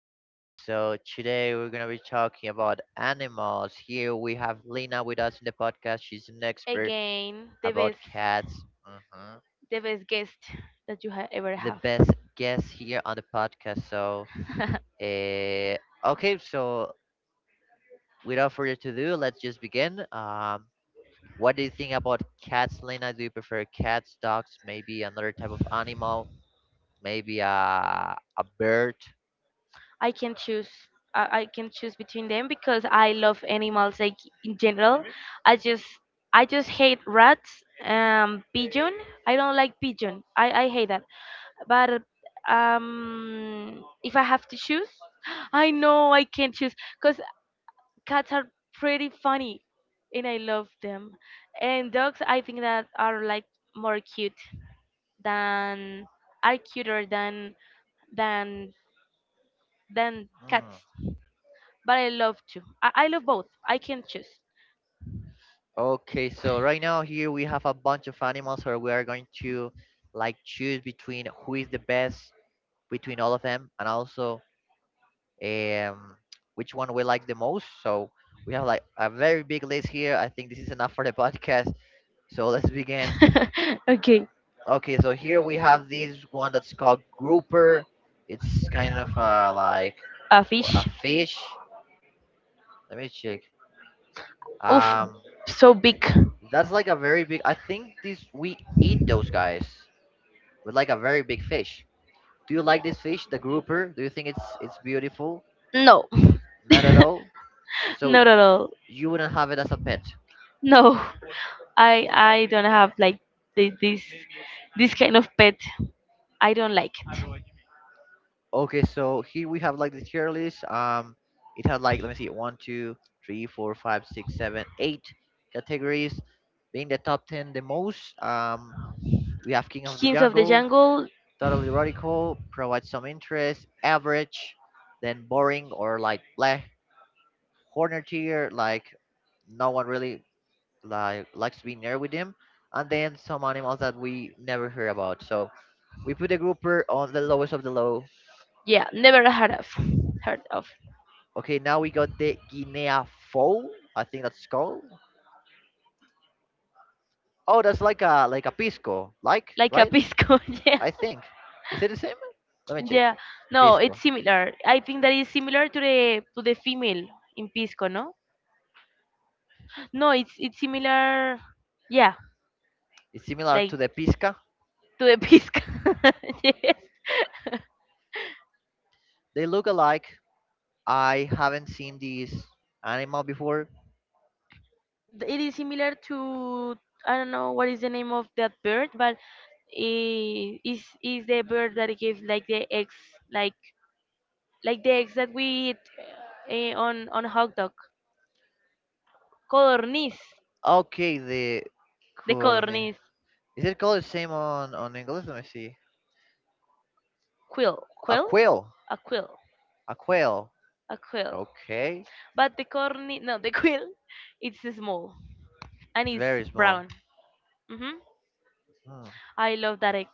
guys? So today we're gonna be talking about animals. Here we have Lena with us in the podcast. She's an expert again, about cats, the best guest that you ever the have. best guest here on the podcast. So, uh, okay, so without further ado, let's just begin. What do you think about cats, Lena? Do you prefer cats, dogs, maybe another type of animal, maybe a bird? I can choose. I can choose between them because I love animals, like in general. I just I just hate rats. Pigeon. I don't like pigeon. I hate that. But if I have to choose, I know I can't choose because cats are pretty funny and I love them. And dogs, I think that are like more cute than are cuter than than than Hmm. cats. But I love to. I love both. I can choose. Okay, so right now here we have a bunch of animals where we are going to like choose between who is the best between all of them and also um which one we like the most. So we have like a very big list here. I think this is enough for the podcast. So let's begin. Okay. Okay, so here we have this one that's called grouper. It's kind of like A well, a fish. fish. Let me check. Oof, Um, so big. that's like a very big. I think this we eat those guys. With like a very big fish. Do you like this fish, the grouper? Do you think it's beautiful? No. Not at all. So Not at all. you wouldn't have it as a pet. No. I don't have like this this kind of pet. I don't like it. Okay, so here we have like the tier list. It had like let me see, one, two, three, four, five, six, seven, eight categories. Being the top ten the most. We have King of the Kings of the Jungle, Jungle. totally radical, provides some interest, average, then boring or like bleh. Corner tier, like no one really likes to be near with them, and then some animals that we never hear about. So we put the grouper on the lowest of the low. Yeah, never heard of. Heard of. Okay, now we got the Guinea fowl. I think that's called. Oh, that's like a pisco, like Like a right? pisco, yeah. I think. Is it the same? Let me check. Yeah. Yeah. No, No, Pisco, it's it's similar. I think that is similar to the female in pisco, no? No, it's similar. Yeah, similar to like the pisca. to the pisco. Yes. They look alike. I haven't seen this animal before. It is similar to I don't know what is the name of that bird, but it is the bird that gives like like the eggs that we eat on hot dog. Codorniz, Okay, the the corne. Corny. codorniz. Is it called the same on English? Let me see. Quill, A quill, quail. a quill, A quail. a quill, Okay. but the corny, no, the quill. It's small, and It's it's very brown. small. Mm-hmm. Hmm. I love that egg.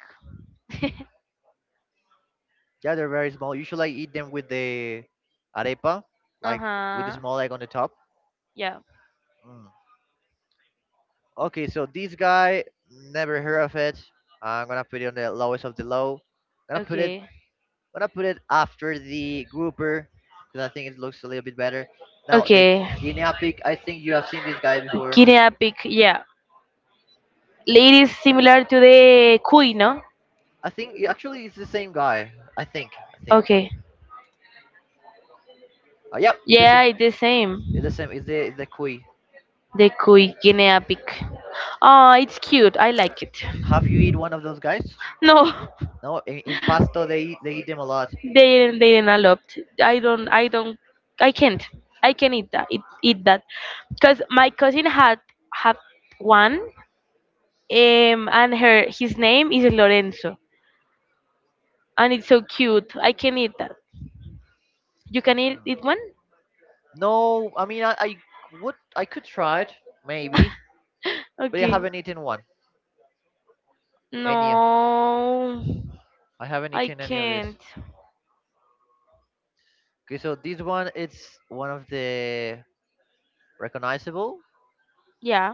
Yeah, they're very small. Usually I eat them with the arepa, like with the Uh-huh. small egg on the top. Yeah. Mm. Okay, so this guy, never heard of it. I'm gonna put it on the lowest of the low. gonna put it Okay. gonna put it after the grouper because I think it looks a little bit better. Now the Okay. guinea pig, I think you Guinea have seen this guy before. pig, yeah, it is similar to the cuy, no? I think actually it's the same guy. I think. I think. Okay. Yep, it's the same. Yeah, it's the same. It's the same. It's the cuy. The cuy guinea pig. Oh, it's cute, I like it. Have you eat one of those guys? No. No. In Pasto, they eat them a lot. They didn't, they didn't allow it. I don't. I can't. I can eat that, eat that, because my cousin had had one, and her, his name is Lorenzo, and it's so cute, I can eat that. You can eat one? No, I mean I would I could try it maybe, but I Okay. haven't eaten one. Any No, I haven't I eaten any of this. can't. Okay, so this one it's one of the recognizable. Yeah,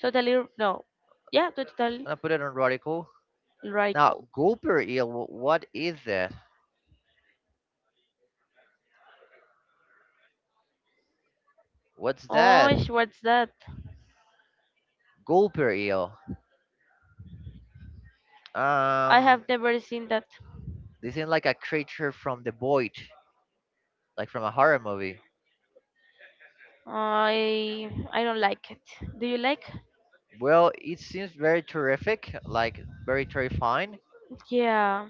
no, yeah, totally I'm gonna put it on radical. Now radical. gulper eel. What is that? What's that? Oh, what's that? Gulper eel. I Um, have never seen that. this is like a creature from the void, like from a horror movie. I don't like it. Do you like? Well, it seems very terrific, like very terrifying. Yeah.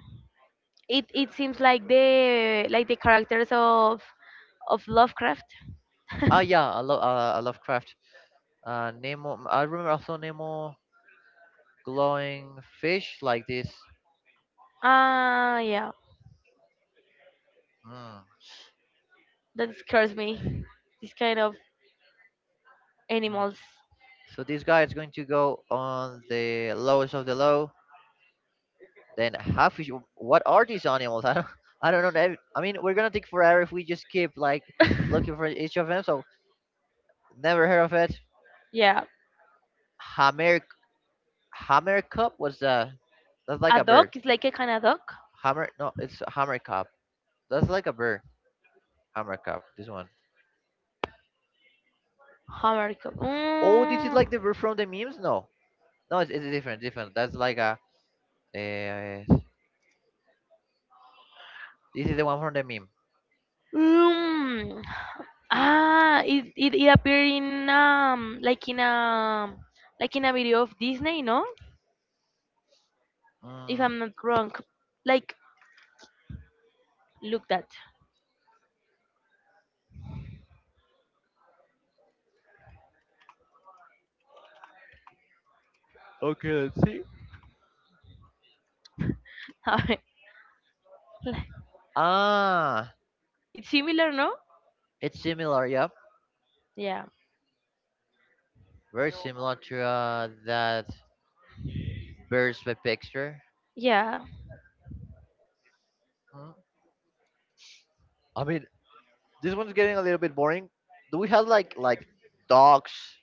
It seems like the characters of Lovecraft. Ah, yeah, I love craft. Nemo. I remember also Nemo glowing fish like this. Ah, yeah. Mm. That scares me. This kind of mm. animals. So this guy is going to go on the lowest of the low. Then how fish? What are these animals? I don't. I don't know. I mean, we're gonna take forever if we just keep like looking for each of them. So never heard of it. Yeah. Hammer, hammer cup. What's that? That's like A a bird. dog is like a kind of dog. Hammer? No, it's a hammer cup. That's like a bird. Hammer cup. This one. How are you? Oh, this is Mm. like the bird from the memes. No, no, it's different. Different. That's like a. Uh, this is the one from the meme. Mm. Ah, it, it appeared in like in a video of Disney, no? If Mm. I'm not wrong, like look that. A ver, like, Ah, it's similar, no? it's similar. Yep, Yeah. very similar to that birds by picture. Yeah. Mm. I mean, this one's getting a little bit boring. Do we have like dogs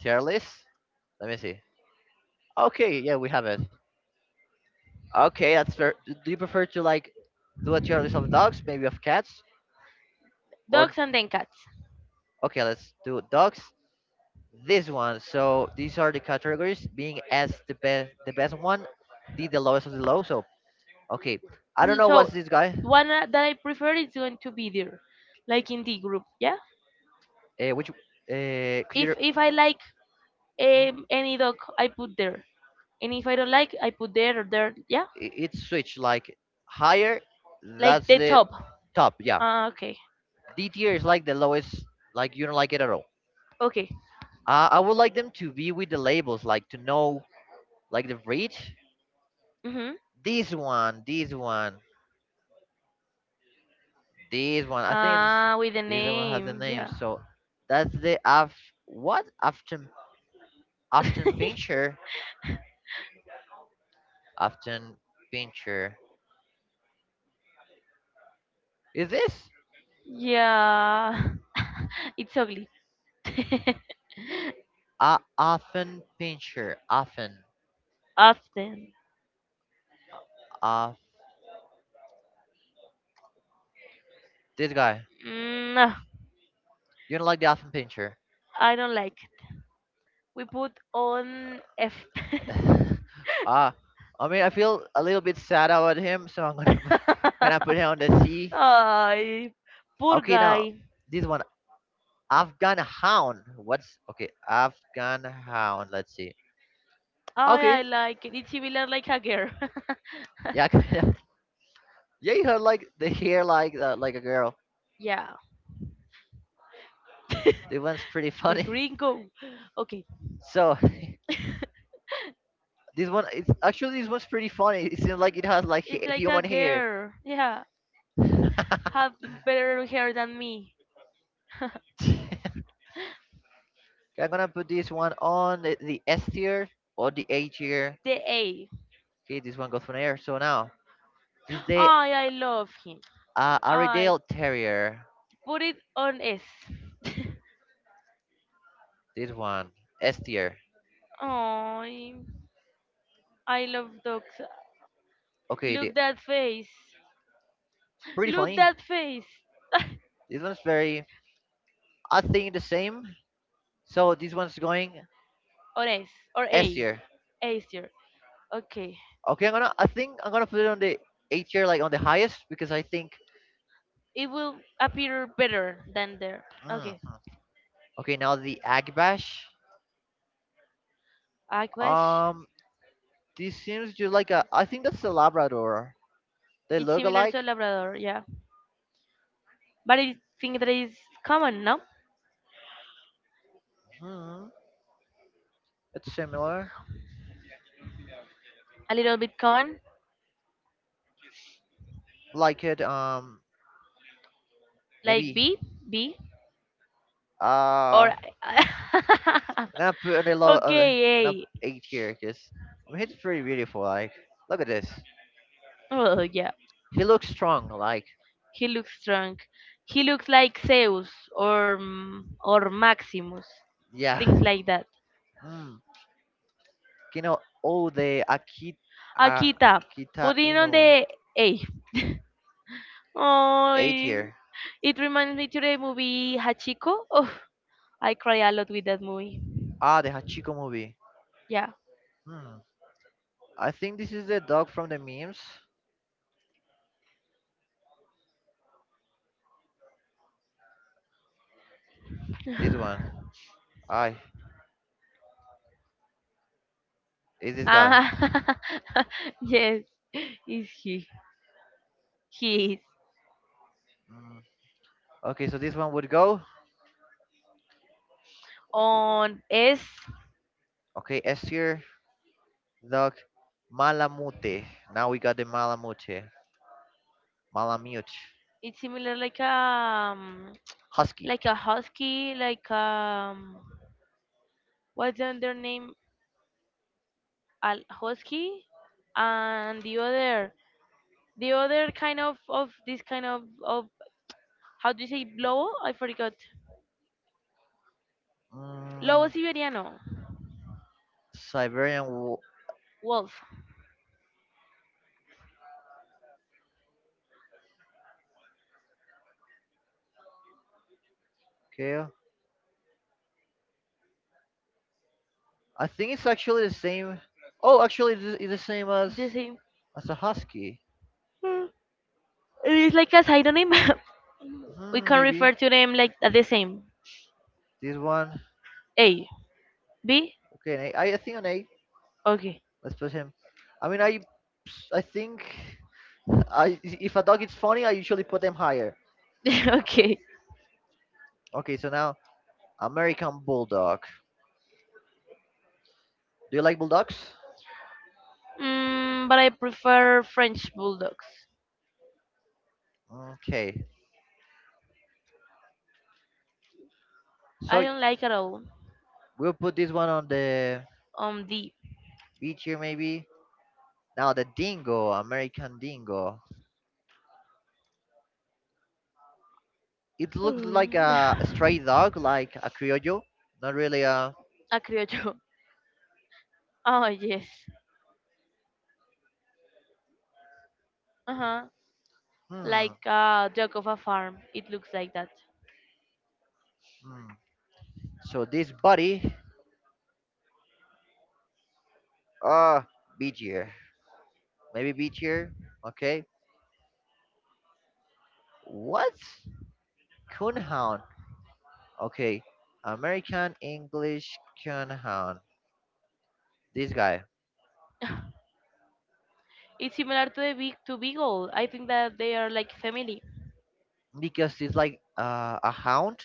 tier list? Let me see. Okay, yeah, we have it. Okay, that's fair. Do you prefer to like do a tier list of dogs, maybe of cats, or Dogs and then cats. okay, let's do dogs. This one. So these are the categories: being S the best one, D the lowest of the low. So okay, I don't know what's So this guy. one that I prefer is going to be there, like in the group. Yeah. Which could you? If I like, any dog, I put there, and if I don't like, I put there or there. Yeah. It's switch like higher. Like That's the the top. top. Yeah, Ah, okay. D tier is like the lowest. Like you don't like it at all. Okay. I would like them to be with the labels, like to know like the breed. Mhm. This one, this one, this one. I think it's Ah, with the this one has the name. name. Yeah. So that's the af what, after pincher after pincher is this Yeah. It's ugly. Often pincher. Often Often. uh this guy, Mm, no, you don't like the often pincher? I don't like it. We put on F. uh I mean I feel a little bit sad about him, so I'm gonna gonna put him on the C. Ay, poor Okay, now guy. guy. This one Afghan hound. What's okay? Afghan hound. Let's see. Ay, I Okay. like it. It's similar like a girl. Yeah, kind of. Yeah, you have like the hair like a girl. Yeah. This one's pretty The funny. gringo. Okay. So this one's pretty funny. It seems like it has like It's like a human hair. girl. Yeah. Have better hair than me. Okay, I'm gonna put this one on the S tier or the A tier. The A. Okay, this one goes from there. So now this is the Ay, I love him. I Airedale Terrier. put it on S. This one S tier. Ay, I love dogs. Okay, the, Look that face. pretty Look funny. that face. This one's very. I think the same. So this one's going Or S. Or S A. tier. A tier. Okay. Okay, I'm gonna. I think I'm gonna put it on the A tier, like on the highest, because I think. It will appear better than there. Okay. Mhm. Okay, now the Agbash. Aquash. Um, this seems just like a. I think that's a Labrador. They It's look similar alike. to a Labrador, yeah. But I think that is common, no? Hmm. It's similar. A little bit common. Like it. Like B? Maybe. B? Or. Uh, And I put and I love and, and Okay, I A. put eight here because I mean he's pretty beautiful. Like look at this, Well, yeah. he looks strong. Like He looks strong. He looks like Zeus or, mm, or Maximus, yeah, things like that. mm. you know all the Akita, Akita putting on Inu the A. Oh, eight here. it reminds me to the movie Hachiko. Oh, I cry a lot with that movie. Ah, the Hachiko movie. Yeah. Hmm. I think this is the dog from the memes. This one. I is this guy. Ah, yes, is he? He is Mm. Okay, so this one would go. on S. Okay, S tier dog Malamute. Now we got the Malamute. Malamute. It's similar Husky. like a husky, like, what's the other name? Al husky, and the other, the other kind of this kind of, how do you say lobo, I forgot. Lobo Mm, siberiano. Siberian Wolf. Kale. I think it's actually the same. Oh, actually, it's the same as The same. A husky. Mm. It's like a pseudonym. We Hmm, can maybe refer to them like at the same. this one. A, B. Okay, an eight. I think an eight. Okay. Let's put him. I mean, I think I if a dog is funny, I usually put them higher. Okay. Okay, so now American Bulldog. Do you like bulldogs? Mm, but I prefer french bulldogs. Okay, I so don't like at all. we'll put this one on the Um, the beach here, maybe. Now the dingo, American dingo, it looks like a stray dog, like a criollo, not really a. a criollo. Oh yes. Uh-huh. Hmm. Like uh, Jacova farm. It looks like that. hmm. So this body, uh, beachier, maybe beachier. Okay. What? Coonhound. Okay. American English coonhound. This guy, It's similar to the big, to Beagle. I think that they are like family. because it's like a hound.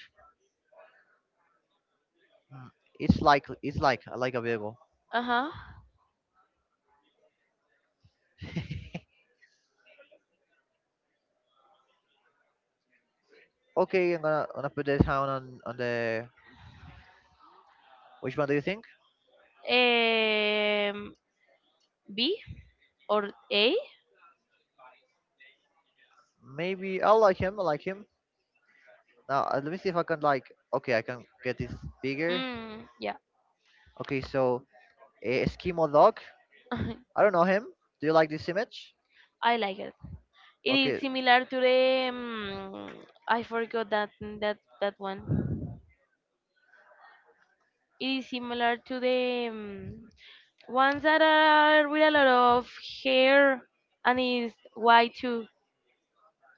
Hmm, It's like like a vehicle. Uh-huh. Okay, I'm gonna put this hound on the. Which one do you think? Um B or A? Maybe I like him. I like him. Now let me see if I can like. Okay, I can get this bigger. Mm, yeah. Okay, so Eskimo dog. I don't know him. Do you like this image? I like it. It is Okay. similar to the, I forgot that that one. It is similar to the, ones that are with a lot of hair, and is white too,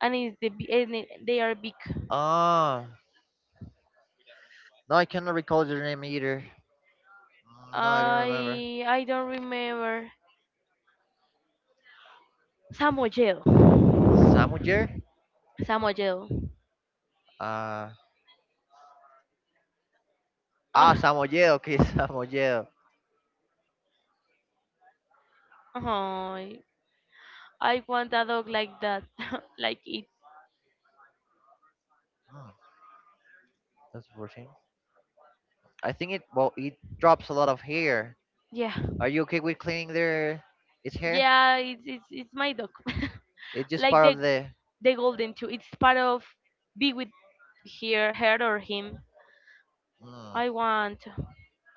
and they are big. Ah, no, I cannot recall their name either. Mm, no, I don't remember. I don't remember. Samoyedo. Samujer? Samoyedo. Uh, ah, Oh, Samoyedo. Okay, Samoyedo. oh, I want a dog like that, like it. Hmm, that's 14. I think it. Well, it drops a lot of hair. Yeah, Are you okay with cleaning their its hair? yeah. It's my dog. It's just Like part of the. the golden too. It's part of be with here, her or him. Mm. I want.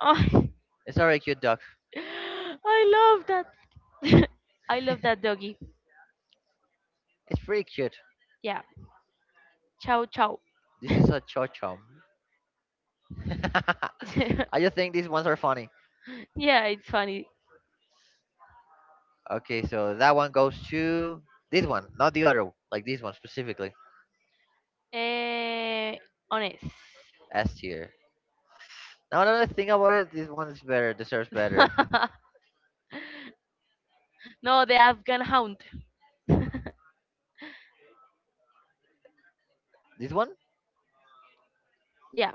Oh, It's a very cute dog. I love that. I love that doggy. It's pretty cute. Yeah. Ciao ciao. This is a chom. I just think these ones are funny. Yeah, it's funny. Okay, so that one goes to this one, not the other, like this one specifically. Eh, honest. S tier. Now another thing about it, this one is better, deserves better. No, the Afghan hound. this one? Yeah.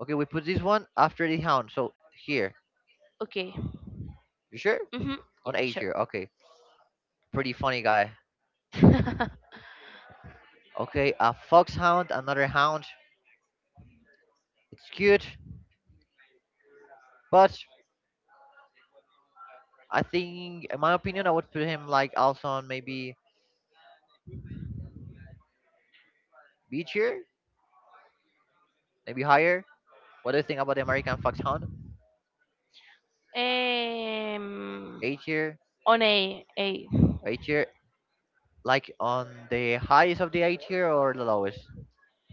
Okay, we put this one after the hound. So here. Okay. You sure? Mhm. On Yeah. A Sure. tier. Okay. Pretty funny guy. Okay, a foxhound, another hound. It's cute. But I think in my opinion I would put him like also on maybe B tier, maybe higher. What do you think about the American Foxhound? um, A tier, on a A tier, like on the highest of the A tier or the lowest?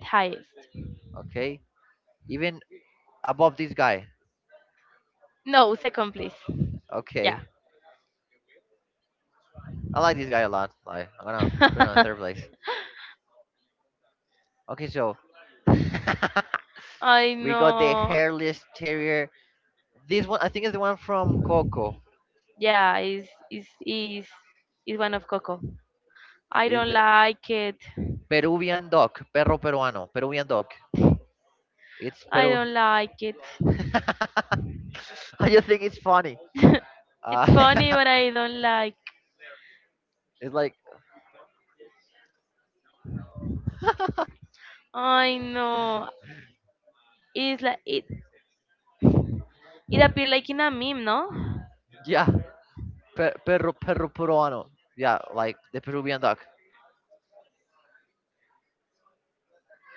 highest. Okay, even above this guy. No, second please. Yeah. Okay, I like this guy a lot. Like I'm gonna put it on third place. Okay, so I we got the know. hairless terrier. This one, I think, is the one from Coco. Yeah, is is one of Coco. I Is don't it like it. Peruvian dog, perro peruano, Peruvian dog. It's I Peru. don't like it. I just think it's funny. Uh, It's funny, but I don't like. it's like, I know. It's like it. It appeared like in a meme, no? yeah, perro peruano. Yeah, like the Peruvian dog.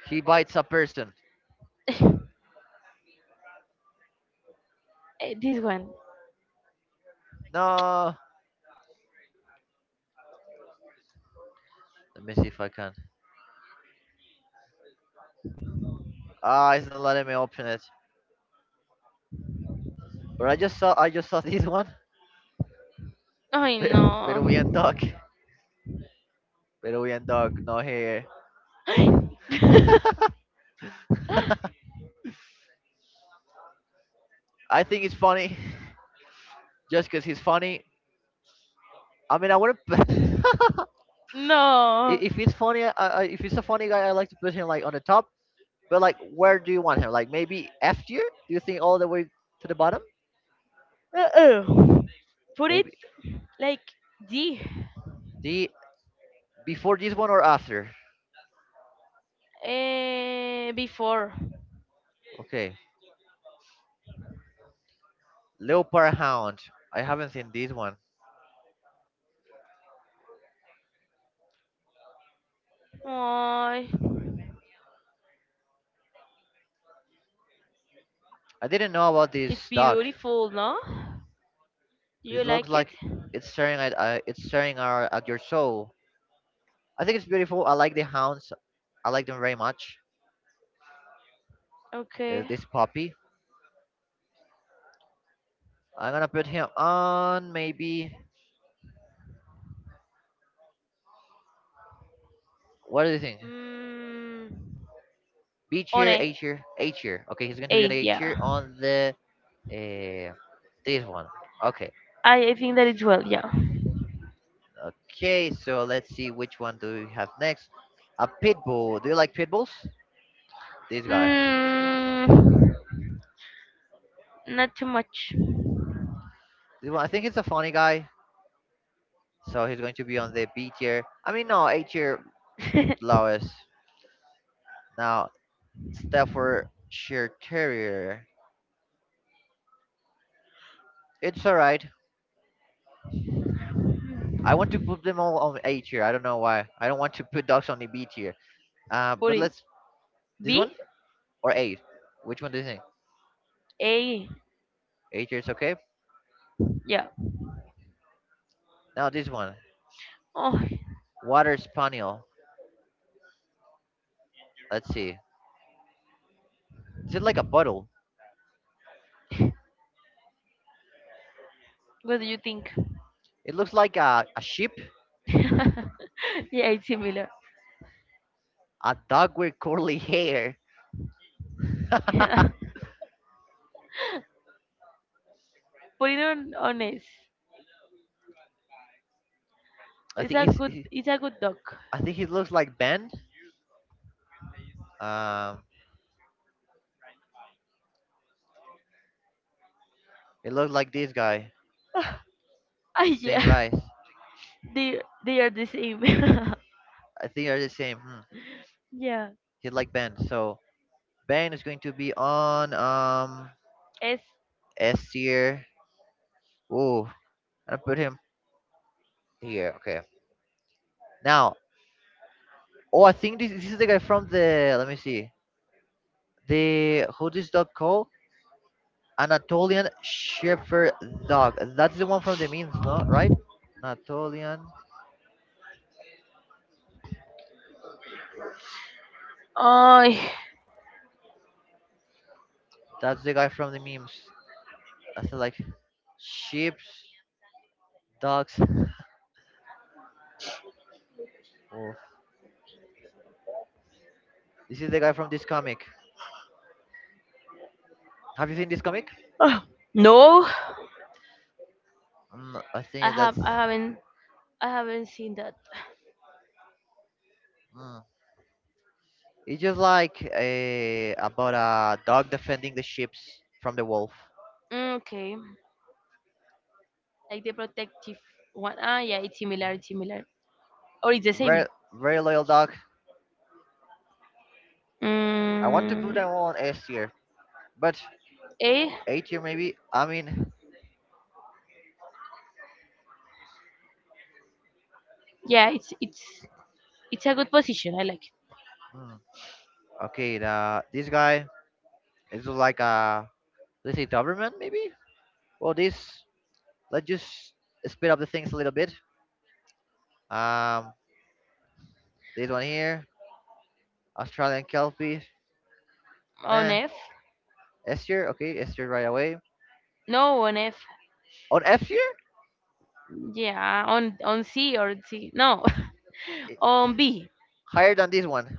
He bites a person. Eh, this one. No, let me see if I can. Ah, it's not letting me open it. But I just saw this one. I know. Peruvian dog. Peruvian dog, no hair. I think it's funny, just 'cause he's funny. I mean, I wouldn't. I- No. If he's funny, if he's a funny guy, I like to put him like on the top. But like, where do you want him? Like maybe F tier? Do you think all the way to the bottom? Uh-uh. Put it Maybe like D. the before this one or after? Eh, before. Okay, Leopard Hound. I haven't seen this one. Oh, I didn't know about it's this dog. beautiful, no? You This looks like it? like it's staring at it's staring our, at your soul. I think it's beautiful. I like the hounds. I like them very much. Okay. This puppy. I'm gonna put him on maybe. What do you think? Mm, B cheer, on a A tier. Okay, he's going to be on eight, A yeah. tier on the uh, this one. Okay, I think that it's, well, yeah. okay. So let's see which one do we have next. A pit bull. Do you like pit bulls? This guy. Mm, not too much. This one. I think it's a funny guy. So he's going to be on the B tier. I mean, no, A tier lowest. Now Staffordshire Terrier. It's alright. I want to put them all on A tier. I don't know why. I don't want to put dogs on the B tier. Put But it. let's this one B? or A. Which one do you think? A? 8 years, okay. Yeah. Now this one, Oh, water spaniel. Let's see. Is it like a puddle? what do you think? It looks like a sheep, Yeah, it's similar. a dog with curly hair. I Yeah. Put it on honest. It's think a he's. good, He, it's a good dog. I think he looks like Ben. Um, it looks like this guy. Ah It's the same yeah. rice. They are the same. I think they're the same. Hmm. Yeah. He like Ben. So Ben is going to be on S S tier. Ooh, I put him here. Okay. Now, oh, I think this is the guy from the. Let me see. The who this dog called? Anatolian Shepherd Dog. That's the one from the memes, no? Right? Anatolian. I That's the guy from the memes. I said like sheep, dogs. Wolf. This is the guy from this comic. Have you seen this comic? no. Mm, I I think that's. have I haven't, I haven't seen that. Mm. It's just like a, about a dog defending the sheep from the wolf. Mm, okay. Like the protective one. Ah yeah, it's similar, it's similar, or it's the Very, same? very loyal dog. I want to put Mm, them all on S tier, but A. A tier maybe. I mean, Yeah, it's a good position. I like it. mm, okay. The, this guy it's like a, let's say government maybe. Well, this, let's just speed up the things a little bit. Um, this one here, Australian Kelpie. On Nah, F. S tier. Okay, S tier right away. No, on F. On F tier, Yeah, on C or C. No, I- on B. higher than this one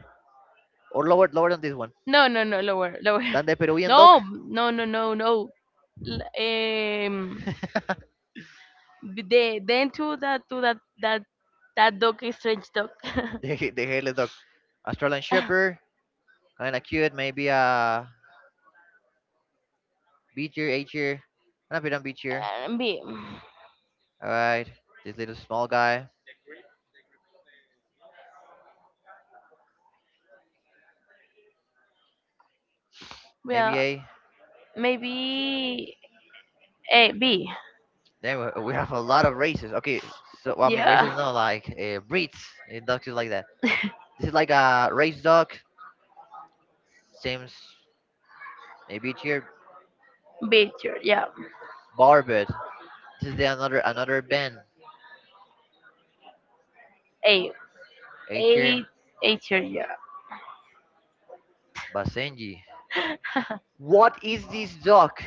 or lower than this one. No, no, no, lower, lower. Than the Peruvian dog. No, no, no, no, no. L- No. The, then to that, to that, that that dog is strange dog. The hairless dog. Australian Shepherd, kind of cute. Maybe a B tier, A tier, kind of bit on B tier. B. All right, this little small guy. Yeah. Maybe Well, A. maybe A, B. Then we have a lot of races. Okay, so well, I mean Yeah. races, no, like breeds, dogs is like that. This is like a race dog, same s- maybe here, Like? Yeah. Barbet. This is the another Ben, A. H Eight. here, Eight, yeah. Basenji. What is this dog?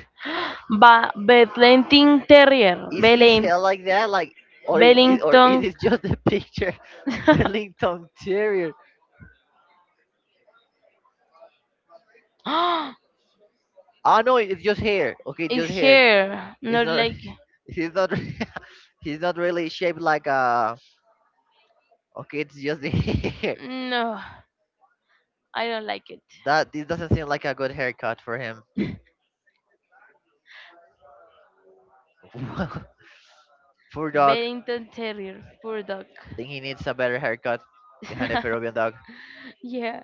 Ba, Bedlington Terrier. You Is his Belin, hair like that, like, is it is or is it, or it Bellington. is just a picture? Burlington Terrier. I Ah no, it's just hair. Okay, just it's hair. here. It's Not not. like He's not. He's not really shaped like a. Okay, it's just the hair. no. I don't like it. That this doesn't seem like a good haircut for him. Poor dog. Bellington Terrier. Poor dog. Think he needs a better haircut behind a Peruvian dog. He needs some rest. He's a terrible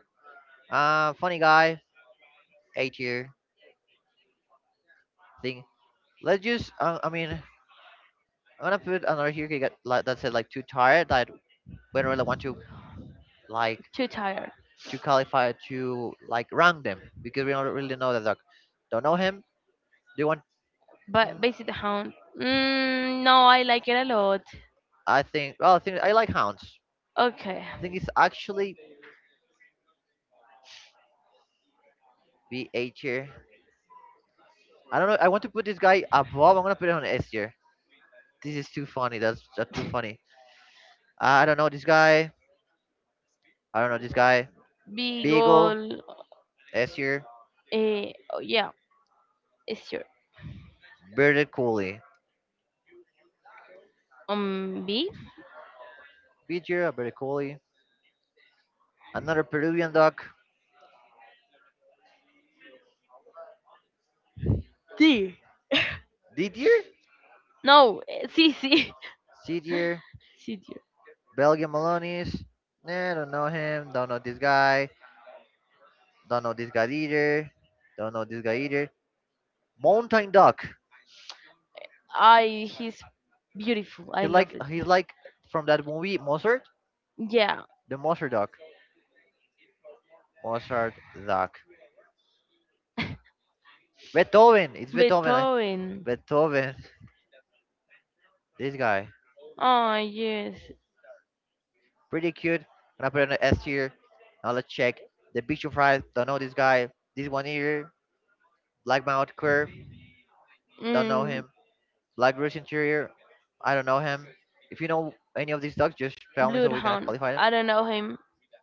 dog, yeah. Funny guy, 8 year thing. Let's just. I mean, I'm gonna put another here that like, that said like too tired. That we don't really want to like Too tired. to qualify to like rank them because we don't really know the dog. Don't know him. Do you want? But Mm, Basic Hound, mm, no, I like it a lot. I think. Well, I think I like hounds. Okay, I think it's actually B eight tier. I don't know. I want to put this guy above. I'm gonna put it on S tier. This is too funny. That's too funny. I don't know this guy. I don't know this guy. Beagle, Beagle, S tier. eh, oh, yeah, it's your Bearded Collie. B. B tier, Bearded Collie. Another Peruvian duck. D. D tier? No, eh, C, C. C tier. C, D. Belgian Maloney's. Nah, don't know him. Don't know this guy. Don't know this guy either. Don't know this guy either. Mountain duck. I he's beautiful. I love it. He's like from that movie Mozart. Yeah, The Mozart duck. Mozart duck. Beethoven. It's Beethoven. I- Beethoven. Beethoven. Beethoven. This guy. Oh yes. Pretty cute. Gonna put it on the S tier. Now let's check. The Beach Fries. Don't know this guy. This one here. Black Mouth Curve. Don't know Mm, him. Black Roost Interior. I don't know him. If you know any of these dogs, just tell me so we can Bloodhound. qualify them. I I don't know him,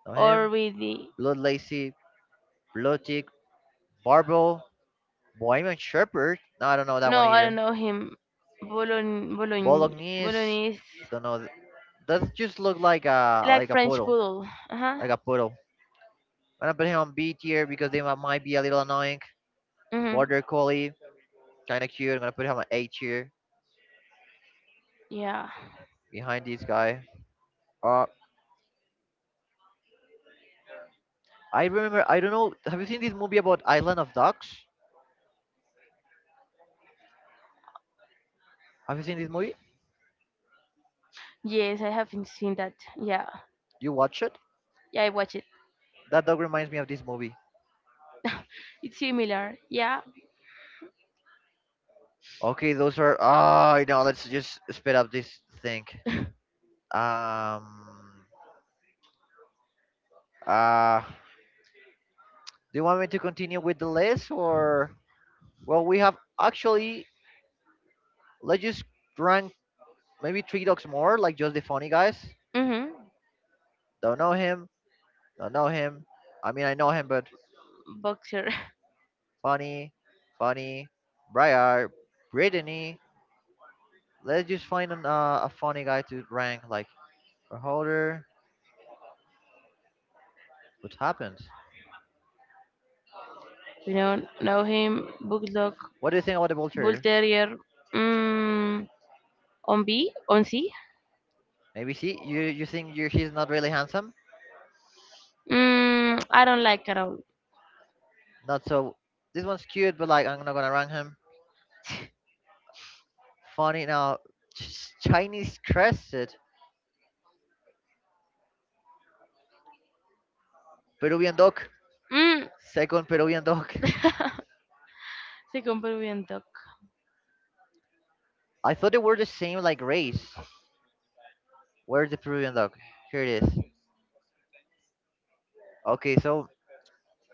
don't know him. Know or him. Really. really. Blood Lacy. Blood Tick. Barbel. Bohemian Shepherd. No, I don't know that. No, one No, I I don't either. know him. Bologn, Bologn, Bolognese. Don't know. Th- does just look like like a French, like a French poodle. poodle, poodle. Uh huh. like a poodle. I'm gonna put him on B tier because they might be a little annoying. Mhm. Border Collie, kind of cute. I'm gonna put him on A tier Yeah. behind this guy. Uh, I remember. I don't know. Have you seen this movie about Island of Dogs? Have you seen this movie? Yes, I haven't seen that. Yeah. You watch it? Yeah, I watch it. That dog reminds me of this movie. It's similar. Yeah. Okay, those are. Ah, you know. Let's just speed up this thing. Um. Uh. Do you want me to continue with the list or? Well, we have actually. Let's just rank maybe three dogs more, like just the funny guys. Mhm. Don't know him. Don't know him. I mean, I know him, but Boxer. funny, funny. Briar, Brittany. Let's just find an, a funny guy to rank. Like a holder. What happens? We don't know him. Bulldog. What do you think about the Bull vulture? Terrier. Mm, on B? On C? Maybe she. You think you he's not really handsome? Mm, I don't like at all. Not so. This one's cute, but like I'm not gonna rank him. Funny now. Ch- Chinese crested Peruvian dog. Mm, Second Peruvian dog. se compró bien dog. I thought they were the same like race. Where's the Peruvian dog? Here it is. Okay, so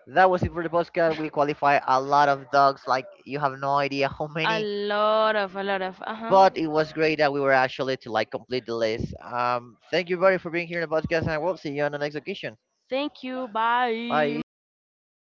that was it for the podcast. We qualify a lot of dogs, like you have no idea how many. Things, lot of, a lot of. Uh, But it was great that we were actually to like complete the list. Thank you, buddy, for being here in the podcast, and we'll see you on the next occasion. thank you. Bye. Bye.